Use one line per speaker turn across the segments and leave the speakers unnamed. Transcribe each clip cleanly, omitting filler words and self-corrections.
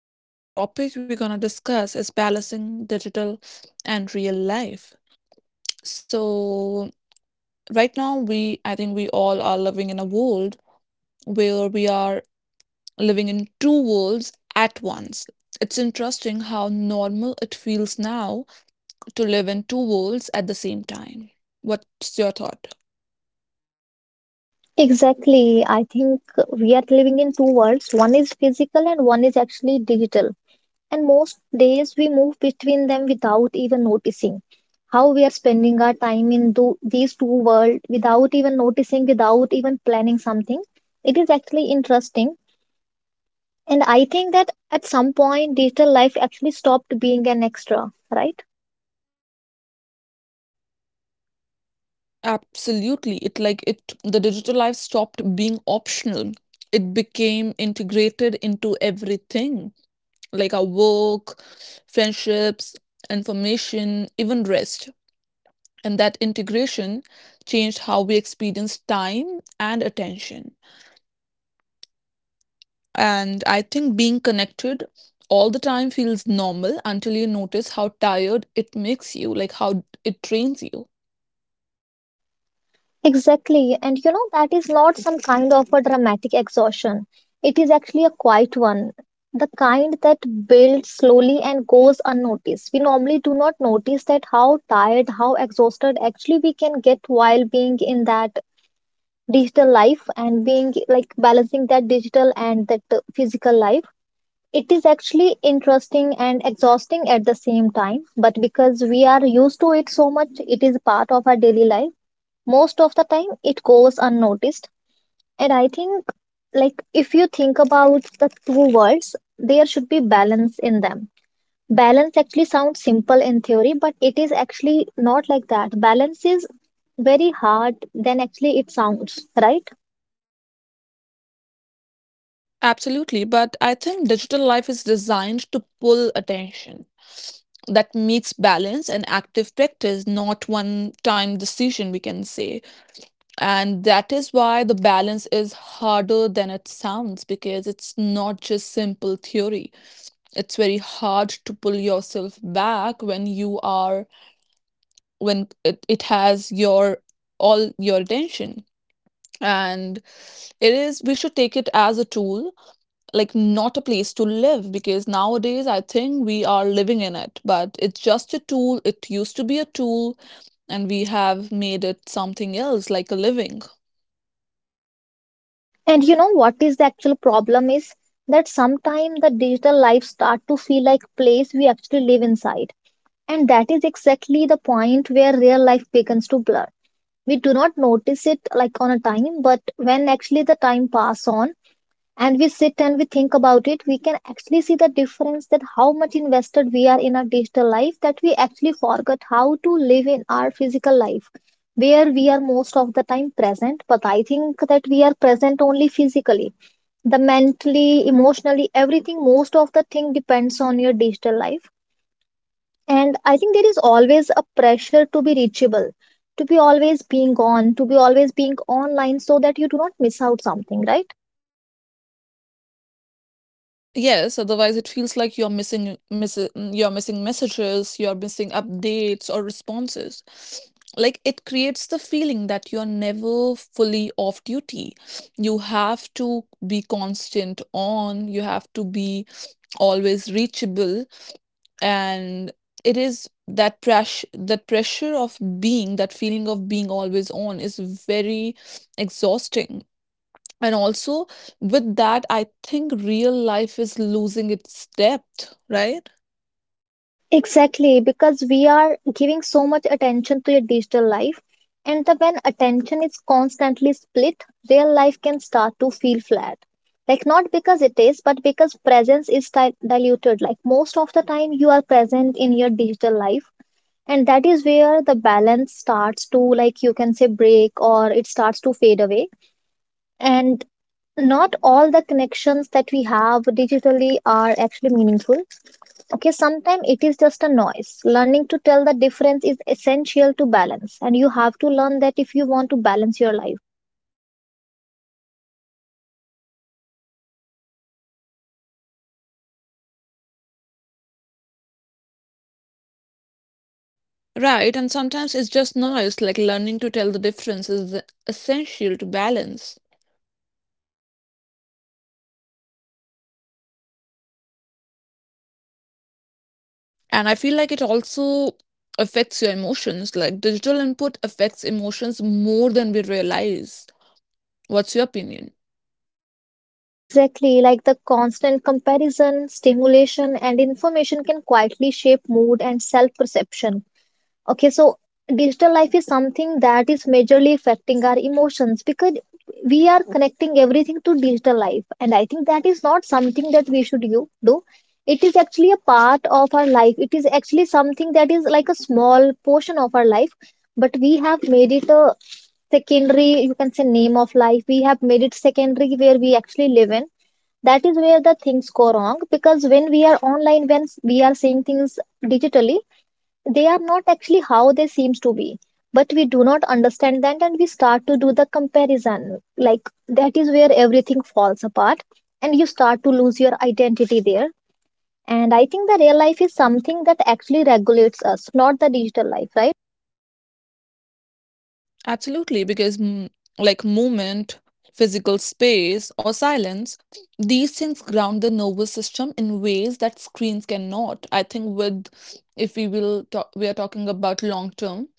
Hello. So, the topic we're going to discuss is balancing digital and real life. So, right now, we I think we all are living in a world where we are living in two worlds at once. It's interesting how normal it feels now to live in two worlds at the same time. What's your thought?
Exactly. I think we are living in two worlds. One is physical and one is actually digital. And most days we move between them without even noticing. How we are spending our time in these two worlds without even noticing, without even planning something. It is actually interesting. And I think that at some point, digital life actually stopped being an extra, right?
Absolutely. It the digital life stopped being optional. It became integrated into everything like our work, friendships, information, even rest. And that integration changed how we experience time and attention. And I think being connected all the time feels normal until you notice how tired it makes you, like how it drains you.
Exactly. And you know, that is not some kind of a dramatic exhaustion. It is actually a quiet one, the kind that builds slowly and goes unnoticed. We normally do not notice that how tired, how exhausted actually we can get while being in that digital life and being like balancing that digital and that physical life. It is actually interesting and exhausting at the same time, but because we are used to it so much, it is part of our daily life most of the time it goes unnoticed and I think like if you think about the two words there should be balance in them. Balance actually sounds simple in theory but it is actually not like that. Balance is very hard than actually it sounds, right?
Absolutely, but I think digital life is designed to pull attention. That makes balance and active practice not one time decision, we can say. And that is why the balance is harder than it sounds because it's not just simple theory. It's very hard to pull yourself back when it has your all your attention. And it is, we should take it as a tool, like not a place to live because nowadays I think we are living in it, but it's just a tool. It used to be a tool and we have made it something else like a living.
And you know what is the actual problem is that sometimes the digital life start to feel like place we actually live inside, and that is exactly the point where real life begins to blur. We do not notice it like on a time, but when actually the time pass on and we sit and we think about it, we can actually see the difference, that how much invested we are in our digital life that we actually forgot how to live in our physical life, where we are most of the time present. But I think that we are present only physically. The mentally, emotionally, everything, most of the thing depends on your digital life. And I think there is always a pressure to be reachable, to be always being on, to be always being online so that you do not miss out something, right?
Yes, otherwise it feels like you're missing messages, you're missing updates or responses. Like it creates the feeling that you're never fully off duty. You have to be constant on, you have to be always reachable, and it is that pressure, that pressure of being that feeling of being always on is very exhausting. And also, with that, I think real life is losing its depth, right?
Exactly, because we are giving so much attention to your digital life. And the, when attention is constantly split, real life can start to feel flat. Like, not because it is, but because presence is diluted. Like, most of the time, you are present in your digital life and that is where the balance starts to, like you can say, break or it starts to fade away. And not all the connections that we have digitally are actually meaningful. Okay, sometimes it is just a noise. Learning to tell the difference is essential to balance, and you have to learn that if you want to balance your life.
Right, and sometimes it's just noise, like learning to tell the difference is essential to balance. And I feel like it also affects your emotions, like digital input affects emotions more than we realize. What's your opinion?
Exactly, like the constant comparison, stimulation and information can quietly shape mood and self perception. Okay, so digital life is something that is majorly affecting our emotions, because we are connecting everything to digital life, and I think that is not something that we should you do. It is actually a part of our life. It is actually something that is like a small portion of our life, but we have made it a secondary, you can say, name of life. We have made it secondary where we actually live in. That is where the things go wrong, because when we are online, when we are seeing things digitally, they are not actually how they seems to be, but we do not understand that and we start to do the comparison. Like that is where everything falls apart and you start to lose your identity there. And I think the real life is something that actually regulates us, not the digital life, right?
Absolutely, because like movement, physical space, or silence, these things ground the nervous system in ways that screens cannot. I think with if we will talk, we are talking about long term,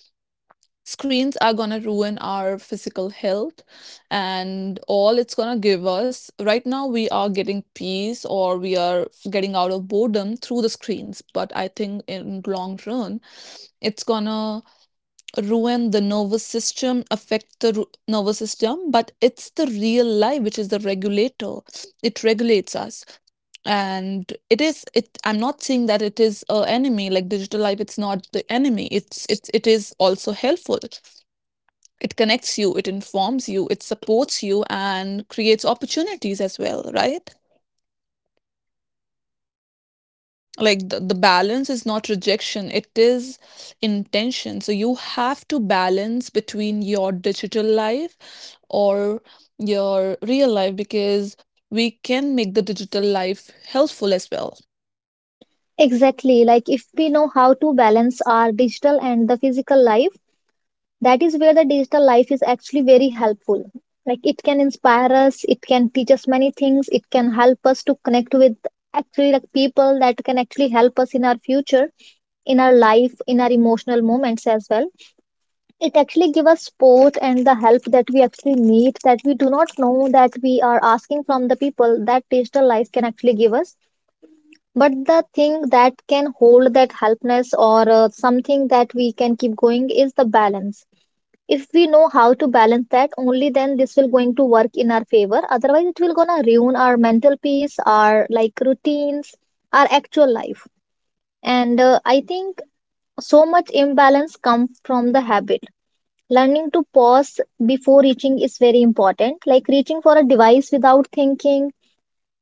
screens are gonna ruin our physical health, and all it's gonna give us. Right now, we are getting peace or we are getting out of boredom through the screens, but I think in long run, it's gonna ruin the nervous system, affect the nervous system, but it's the real life which is the regulator. It regulates us, and it is. It. I'm not saying that it is a enemy like digital life. It's not the enemy. It is also helpful. It connects you. It informs you. It supports you and creates opportunities as well. Right. Like the balance is not rejection, it is intention, so you have to balance between your digital life or your real life, because we can make the digital life helpful as well.
Exactly, like if we know how to balance our digital and the physical life, that is where the digital life is actually very helpful. Like it can inspire us, it can teach us many things, it can help us to connect with actually like people that can actually help us in our future, in our life, in our emotional moments as well. It actually give us support and the help that we actually need, that we do not know that we are asking from the people, that digital life can actually give us. But the thing that can hold that helpness or something that we can keep going is the balance. If we know how to balance that, only then this will going to work in our favor, otherwise it will gonna ruin our mental peace, our like routines, our actual life. And I think so much imbalance comes from the habit. Learning to pause before reaching is very important, like reaching for a device without thinking.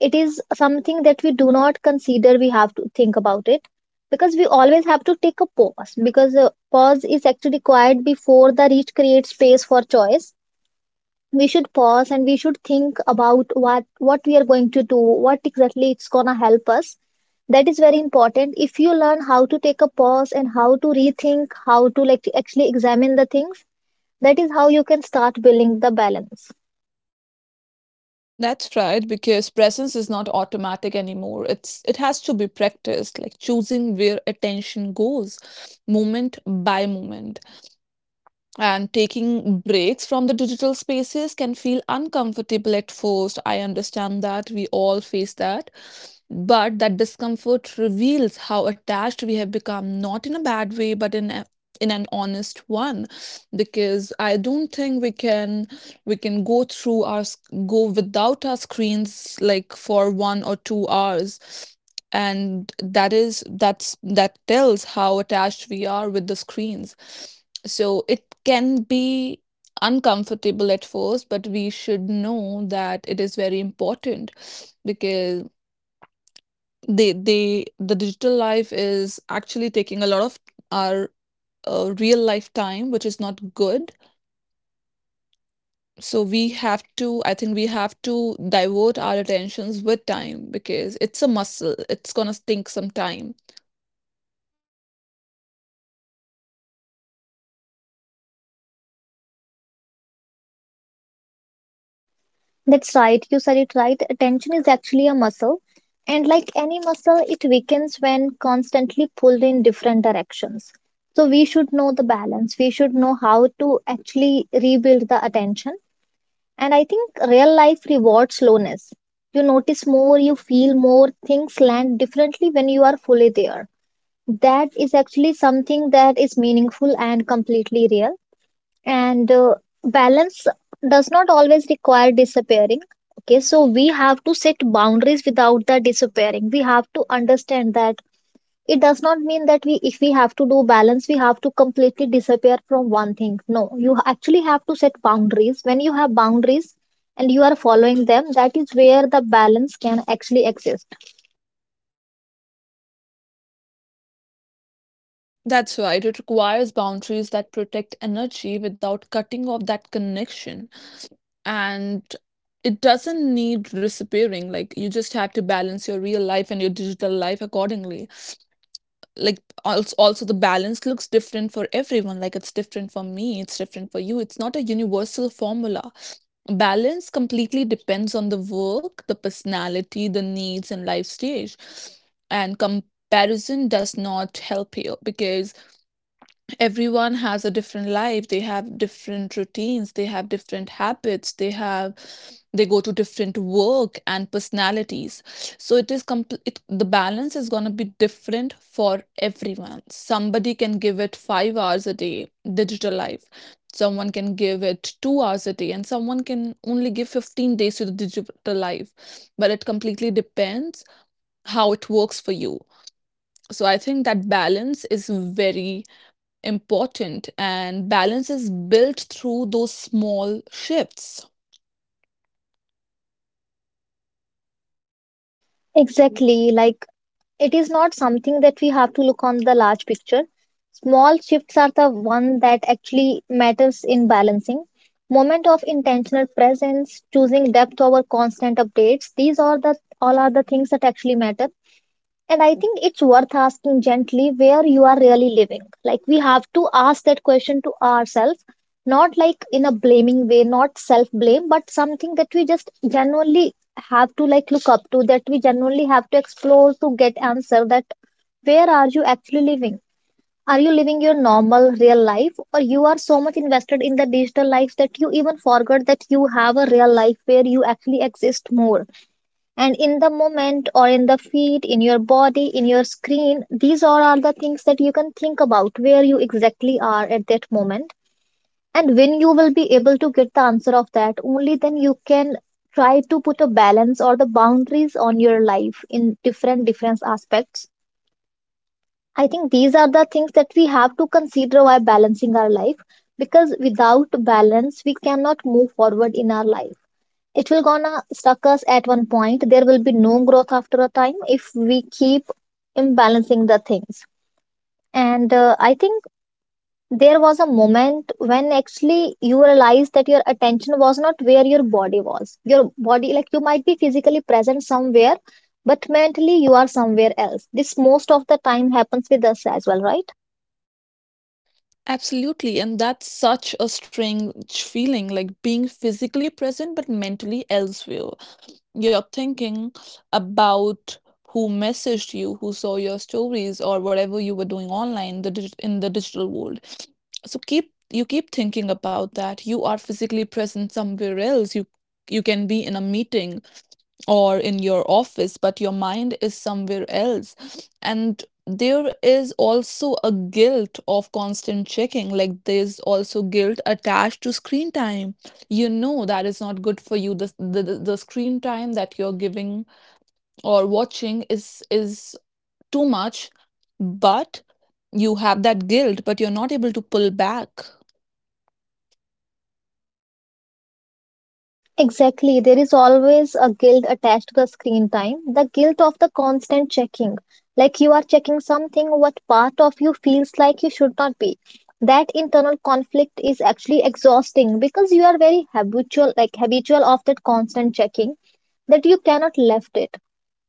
It is something that we do not consider, we have to think about it, because we always have to take a pause, because pause is actually required before the reach, creates space for choice. We should pause and we should think about what we are going to do, what exactly it's gonna help us. That is very important, if you learn how to take a pause and how to rethink, how to like actually examine the things, that is how you can start building the balance.
That's right, because presence is not automatic anymore. It's it has to be practiced, like choosing where attention goes moment by moment. And taking breaks from the digital spaces can feel uncomfortable at first. I understand that we all face that. But that discomfort reveals how attached we have become, not in a bad way, but in an honest one. Because I don't think we can go through our go without our screens like for 1 or 2 hours. And that is that's that tells how attached we are with the screens. So it can be uncomfortable at first, but we should know that it is very important because the digital life is actually taking a lot of our real life time, which is not good. So we have to, I think we have to divert our attentions with time because it's a muscle. It's gonna take some time.
That's right, you said it right, attention is actually a muscle, and like any muscle, it weakens when constantly pulled in different directions. So we should know the balance, we should know how to actually rebuild the attention. And I think real life rewards slowness. You notice more, you feel more, things land differently when you are fully there. That is actually something that is meaningful and completely real. And balance does not always require disappearing. Okay, so we have to set boundaries without the disappearing. We have to understand that it does not mean that we, if we have to do balance, we have to completely disappear from one thing. No, you actually have to set boundaries. When you have boundaries and you are following them, that is where the balance can actually exist.
That's right. It requires boundaries that protect energy without cutting off that connection. And it doesn't need disappearing. Like you just have to balance your real life and your digital life accordingly. Like also the balance looks different for everyone. Like it's different for me, it's different for you, it's not a universal formula. Balance completely depends on the work, the personality, the needs and life stage, and comparison does not help you because everyone has a different life. They have different routines, they have different habits, they go to different work and personalities. So it is compl- it, the balance is going to be different for everyone. Somebody can give it 5 hours a day digital life, someone can give it 2 hours a day, and someone can only give 15 days to the digital life. But it completely depends how it works for you. So I think that balance is very important, and balance is built through those small shifts.
Exactly, like it is not something that we have to look on the large picture. Small shifts are the one that actually matters in balancing. Moment of intentional presence, choosing depth over constant updates, these are the all are the things that actually matter. And I think it's worth asking gently where you are really living. Like we have to ask that question to ourselves, not like in a blaming way, not self blame, but something that we just genuinely have to like look up to, that we genuinely have to explore to get answer that where are you actually living? Are you living your normal real life or you are so much invested in the digital life that you even forgot that you have a real life where you actually exist more? And in the moment or in the feet, in your body, in your screen, these all are the things that you can think about, where you exactly are at that moment. And when you will be able to get the answer of that, only then you can try to put a balance or the boundaries on your life in different different aspects. I think these are the things that we have to consider while balancing our life, because without balance we cannot move forward in our life. It will gonna stuck us at one point, there will be no growth after a time if we keep imbalancing the things. And I think there was a moment when actually you realized that your attention was not where your body was. Your body, like you might be physically present somewhere, but mentally you are somewhere else. This most of the time happens with us as well, right?
Absolutely, and that's such a strange feeling, like being physically present but mentally elsewhere. You're thinking about who messaged you, who saw your stories, or whatever you were doing online, in the digital world. So keep thinking about that. You are physically present somewhere else. You can be in a meeting or in your office, but your mind is somewhere else. And there is also a guilt of constant checking. Like there's also guilt attached to screen time. You know that is not good for you. The screen time that you're giving or watching is too much, but you have that guilt, but you're not able to pull back.
Exactly. There is always a guilt attached to the screen time, the guilt of the constant checking. Like you are checking something, what part of you feels like you should not be. That internal conflict is actually exhausting, because you are very habitual, like habitual of that constant checking, that you cannot left it.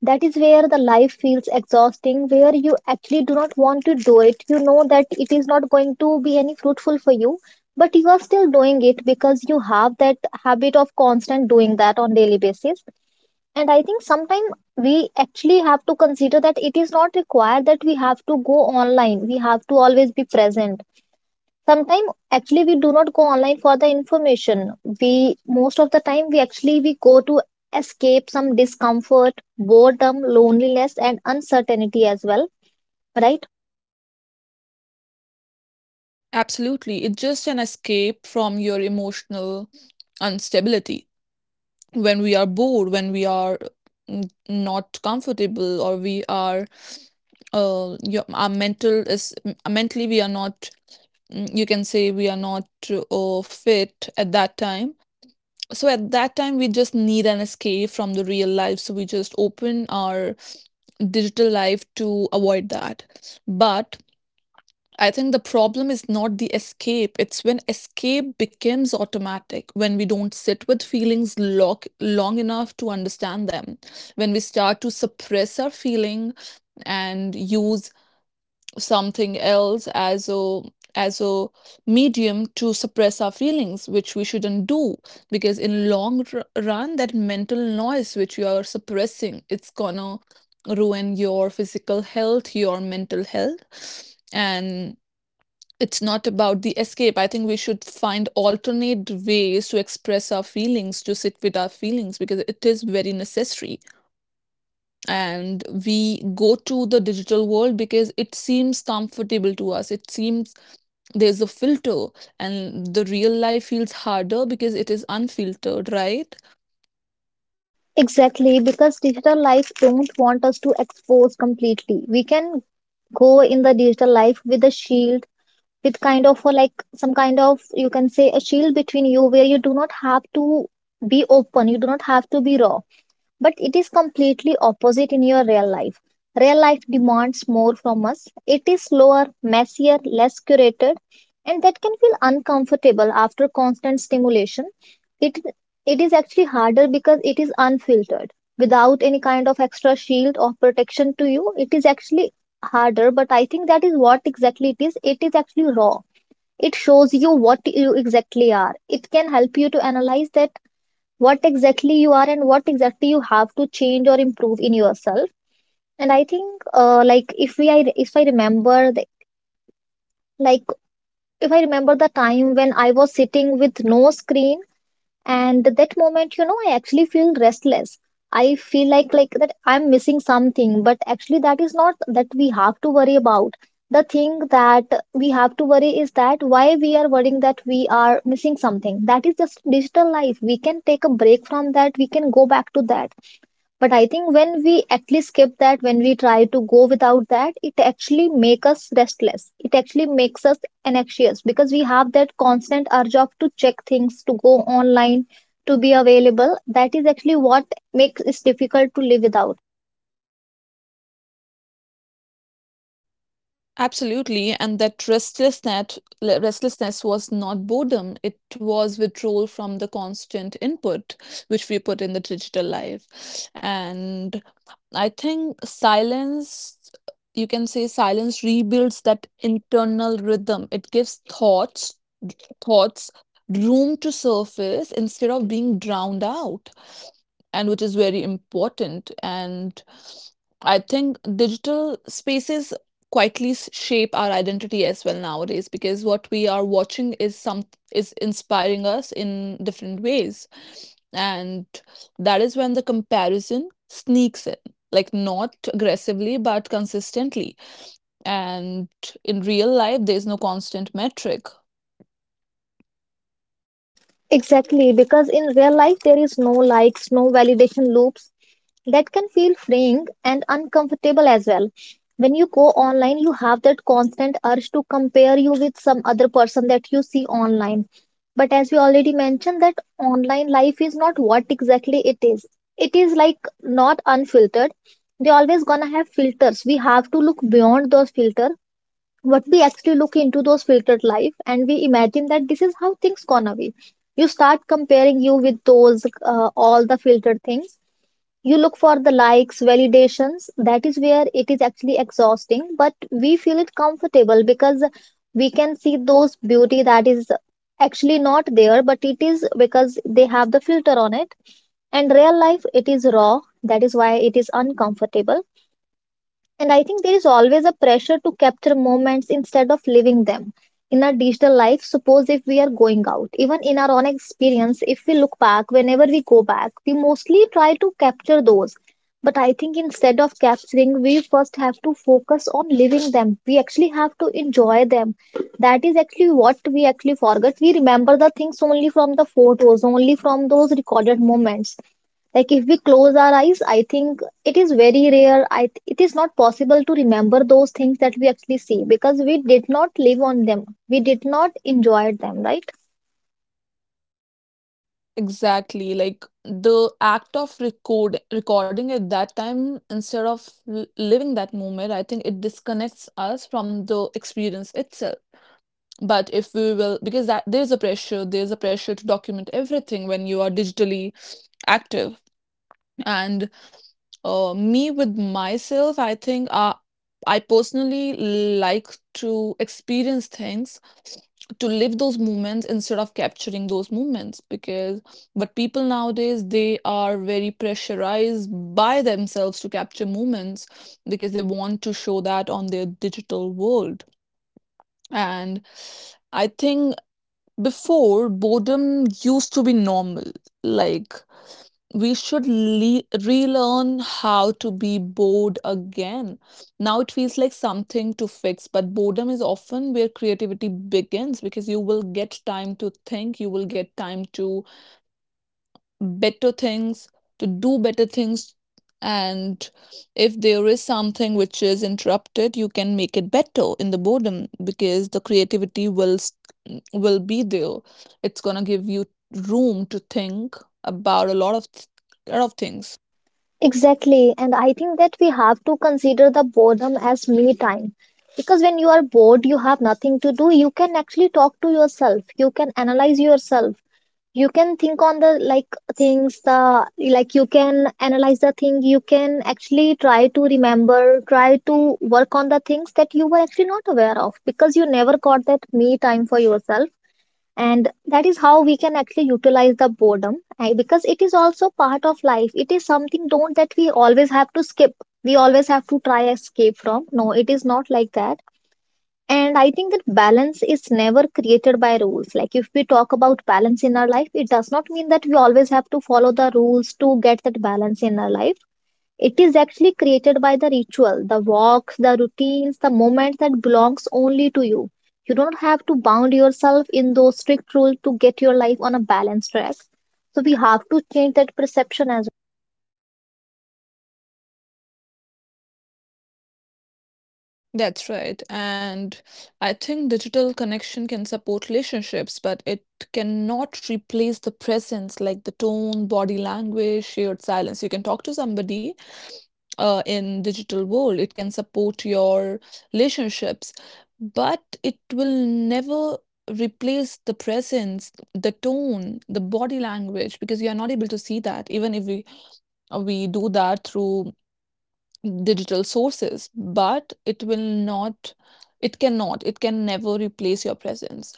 That is where the life feels exhausting, where you actually do not want to do it. You know that it is not going to be any fruitful for you, but you are still doing it because you have that habit of constant doing that on daily basis. And I think sometimes we actually have to consider that it is not required that we have to go online. We have to always be present. Sometimes actually we do not go online for the information. We most of the time we actually we go to escape some discomfort, boredom, loneliness and uncertainty as well, right?
Absolutely. It's just an escape from your emotional instability. When we are bored, when we are not comfortable, or we are, our mental is mentally we are not, you can say we are not fit at that time. So at that time, we just need an escape from the real life. So we just open our digital life to avoid that. But I think the problem is not the escape. It's when escape becomes automatic, when we don't sit with feelings long enough to understand them, when we start to suppress our feeling and use something else as a medium to suppress our feelings, which we shouldn't do, because in long run that mental noise which you are suppressing it's gonna ruin your physical health, your mental health. And it's not about the escape. I think we should find alternate ways to express our feelings, to sit with our feelings, because it is very necessary. And we go to the digital world because it seems comfortable to us. It seems there's a filter, and the real life feels harder because it is unfiltered, right?
Exactly, because digital life don't want us to expose completely. We can go in the digital life with a shield, with kind of a, like some kind of you can say a shield between you where you do not have to be open, you do not have to be raw, but it is completely opposite in your real life. Real life demands more from us. It is slower, messier, less curated, and that can feel uncomfortable after constant stimulation. It it is actually harder because it is unfiltered. Without any kind of extra shield or protection to you, it is actually harder, but I think that is what exactly it is. It is actually raw. It shows you what you exactly are. It can help you to analyze that what exactly you are and what exactly you have to change or improve in yourself. And I think if I remember the, like if I remember the time when I was sitting with no screen. And that moment, you know, I actually feel restless. I feel like that I'm missing something, but actually that is not that we have to worry about. The thing that we have to worry is that why we are worrying that we are missing something. That is just digital life. We can take a break from that, we can go back to that. But I think when we actually skip that, when we try to go without that, it actually makes us restless, it actually makes us anxious because we have that constant urge of to check things, to go online, to be available. That is actually what makes it difficult to live without.
Absolutely, and that restlessness was not boredom. It was withdrawal from the constant input which we put in the digital life. And I think silence, you can say silence rebuilds that internal rhythm. It gives thoughts room to surface instead of being drowned out, and which is very important. And I think digital spaces quietly shape our identity as well nowadays because what we are watching is inspiring us in different ways. And that is when the comparison sneaks in, like not aggressively but consistently. And in real life, there's no constant metric.
Exactly, because in real life there is no likes, no validation loops. That can feel freeing and uncomfortable as well. When you go online, you have that constant urge to compare you with some other person that you see online. But as we already mentioned, that online life is not what exactly it is. It is like not unfiltered. They always gonna have filters. We have to look beyond those filters. What we actually look into those filtered life and we imagine that this is how things gonna be, you start comparing you with those all the filtered things. You look for the likes, validations. That is where it is actually exhausting, but we feel it comfortable because we can see those beauty that is actually not there, but it is because they have the filter on it. And real life, it is raw. That is why it is uncomfortable. And I think there is always a pressure to capture moments instead of living them. In our digital life, suppose if we are going out, even in our own experience, if we look back, whenever we go back, we mostly try to capture those. But I think instead of capturing, we first have to focus on living them. We actually have to enjoy them. That is actually what we actually forget. We remember the things only from the photos, only from those recorded moments. Like if we close our eyes, I think it is very rare. It is not possible to remember those things that we actually see because we did not live on them. We did not enjoy them, right?
Exactly. Like the act of recording at that time instead of living that moment, I think it disconnects us from the experience itself. But if we will, because that there's a pressure to document everything when you are digitally active. And me with myself, I think I personally like to experience things, to live those moments instead of capturing those moments. Because, but people nowadays, they are very pressurized by themselves to capture moments because they want to show that on their digital world. And I think before, boredom used to be normal. Like, we should relearn how to be bored again. Now it feels like something to fix, but boredom is often where creativity begins, because you will get time to think, you will get time to better things, to do better things. And if there is something which is interrupted, you can make it better in the boredom because the creativity will be there. It's gonna give you room to think about a lot of th- lot of things.
Exactly. And I think that we have to consider the boredom as me time. Because when you are bored, you have nothing to do. You can actually talk to yourself. You can analyze yourself. You can think on the like things the like you can analyze the thing, you can actually try to remember, try to work on the things that you were actually not aware of because you never got that me time for yourself. And that is how we can actually utilize the boredom. Because it is also part of life, it is something don't that we always have to skip, we always have to try escape from. No, it is not like that. And I think that balance is never created by rules. Like if we talk about balance in our life, it does not mean that we always have to follow the rules to get that balance in our life. It is actually created by the ritual, the walks, the routines, the moment that belongs only to you. You don't have to bound yourself in those strict rules to get your life on a balanced track. So we have to change that perception as.
That's right. And I think digital connection can support relationships, but it cannot replace the presence, like the tone, body language, shared silence. You can talk to somebody in digital world. It can support your relationships, but it will never replace the presence, the tone, the body language, because you are not able to see that. Even if we we do that through digital sources, but it will not, it cannot, it can never replace your presence.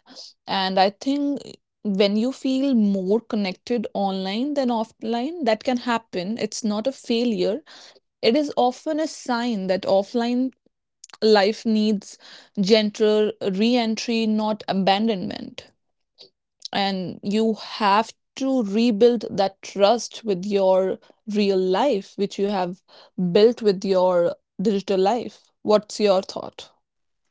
And I think when you feel more connected online than offline, that can happen. It's not a failure. It is often a sign that offline life needs gentler re entry, not abandonment, and you have to rebuild that trust with your real life, which you have built with your digital life. What's your thought?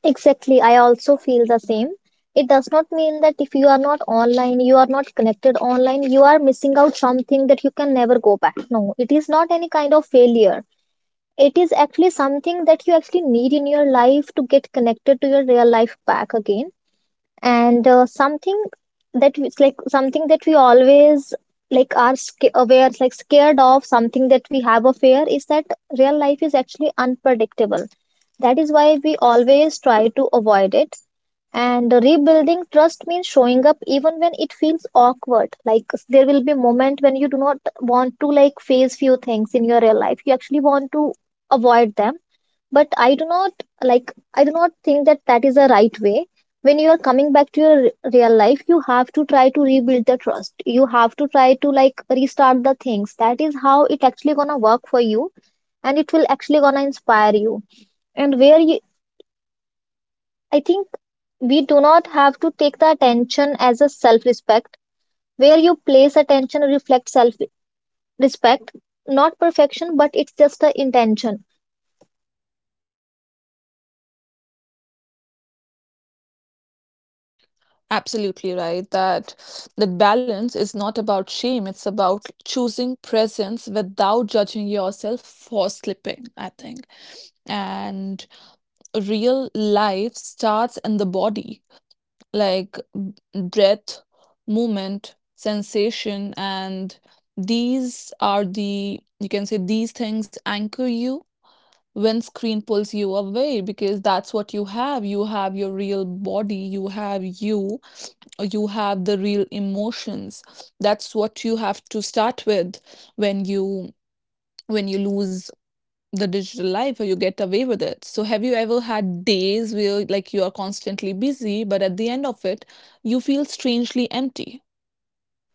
Exactly, I also feel the same. It does not mean that if you are not online, you are not connected online, you are missing out something that you can never go back. No, it is not any kind of failure. It is actually something that you actually need in your life to get connected to your real life back again. And something that it's like something that we always aware, like scared of something that we have a fear, is that real life is actually unpredictable. That is why we always try to avoid it. And rebuilding trust means showing up even when it feels awkward. Like there will be a moment when you do not want to like face few things in your real life, you actually want to avoid them. But I do not, I do not think that that is the right way. When you are coming back to your real life, you have to try to rebuild the trust, you have to try to like restart the things. That is how it actually gonna work for you, and it will actually gonna inspire you. And where you, I think we do not have to take the attention as a self respect. Where you place attention reflects self respect, not perfection, but it's just the intention.
Absolutely right. That balance is not about shame, it's about choosing presence without judging yourself for slipping, I think. And real life starts in the body, like breath, movement, sensation, and these are the, you can say these things anchor you when screen pulls you away, because that's what you have. You have your real body, you have the real emotions. That's what you have to start with when you, when you lose the digital life or you get away with it. So have you ever had days where like you are constantly busy but at the end of it you feel strangely empty?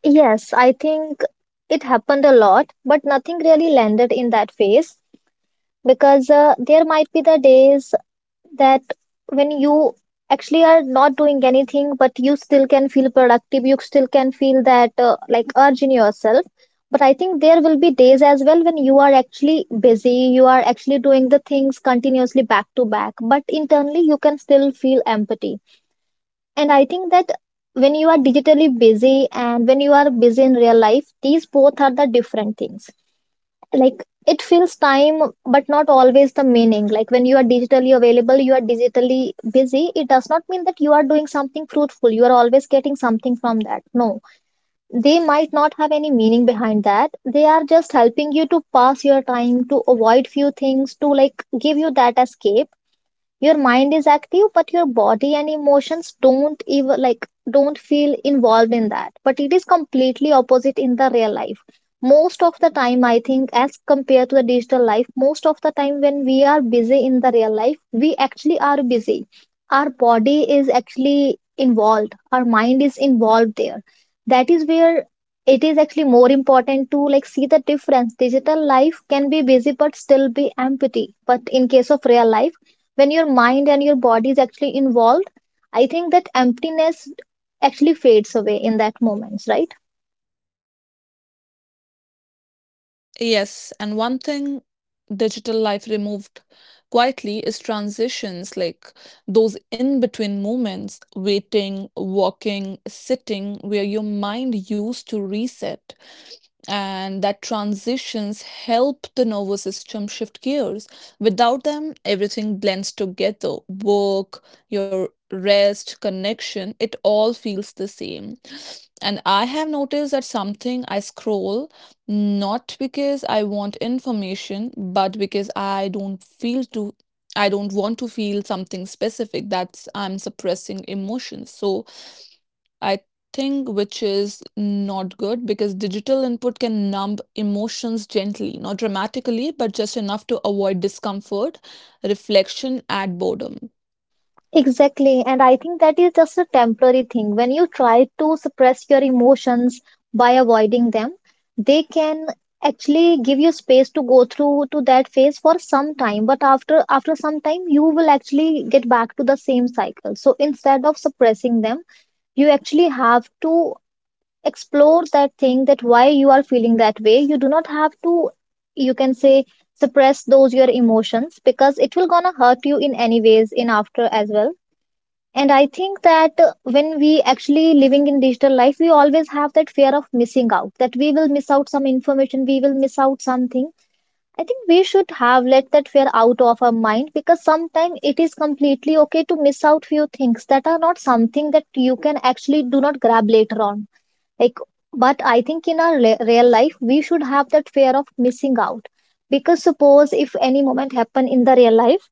Yes, I think it happened a lot, but nothing really landed in that phase because there might be the days that when you actually are not doing anything, but you still can feel productive, you still can feel that like urge in yourself. But I think there will be days as well when you are actually busy, you are actually doing the things continuously back to back, but internally you can still feel empty. And I think that when you are digitally busy and when you are busy in real life, these both are the different things. Like it fills time, but not always the meaning. Like when you are digitally available, you are digitally busy. It does not mean that you are doing something fruitful. You are always getting something from that. No, they might not have any meaning behind that. They are just helping you to pass your time, to avoid few things, to like give you that escape. Your mind is active, but your body and emotions don't even like don't feel involved in that. But it is completely opposite in the real life. Most of the time, I think, as compared to the digital life, most of the time when we are busy in the real life, we actually are busy. Our body is actually involved, our mind is involved there. That is where it is actually more important to like see the difference. Digital life can be busy but still be empty, but in case of real life, when your mind and your body is actually involved, I think that emptiness actually fades away in that moment, right?
Yes, and one thing digital life removed quietly is transitions, like those in between moments, waiting, walking, sitting, where your mind used to reset. And that transitions help the nervous system shift gears. Without them, everything blends together, work, your rest, connection, it all feels the same. And I have noticed that something I scroll not because I want information, but because I don't feel to. I don't want to feel something specific. That's I'm suppressing emotions. So I think which is not good, because digital input can numb emotions gently, not dramatically, but just enough to avoid discomfort, reflection, and boredom.
Exactly. And I think that is just a temporary thing. When you try to suppress your emotions by avoiding them, they can actually give you space to go through to that phase for some time, but after some time you will actually get back to the same cycle. So instead of suppressing them, you actually have to explore that thing, that why you are feeling that way. You do not have to, you can say, suppress those your emotions because it will gonna hurt you in any ways in after as well. And I think that when we actually living in digital life, we always have that fear of missing out, that we will miss out some information, we will miss out something. I think we should have let that fear out of our mind because sometimes it is completely okay to miss out few things that are not something that you can actually do not grab later on. Like, but I think in our real life we should have that fear of missing out. Because suppose if any moment happen in the real life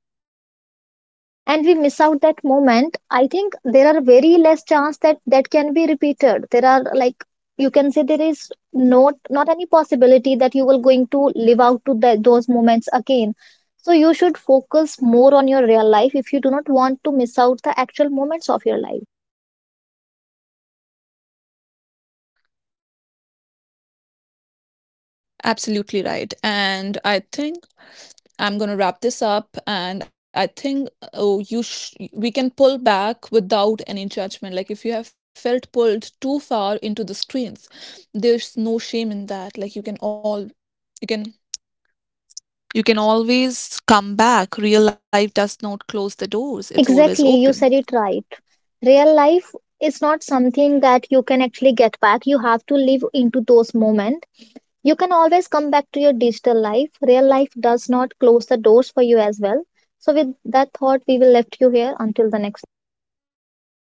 and we miss out that moment, I think there are very less chance that that can be repeated. There are, like, you can say, there is not any possibility that you will going to live out to the, those moments again. So you should focus more on your real life if you do not want to miss out the actual moments of your life.
Absolutely right. And I think I'm going to wrap this up. And I think we can pull back without any judgment. Like if you have felt pulled too far into the screens, there's no shame in that. Like you can you can always come back. Real life does not close the doors. It's
Exactly,
always
you said
open.
it right. Real life is not something that you can actually get back. You have to live into those moments. You can always come back to your digital life. Real life does not close the doors for you as well. So, with that thought, we will left you here until the next.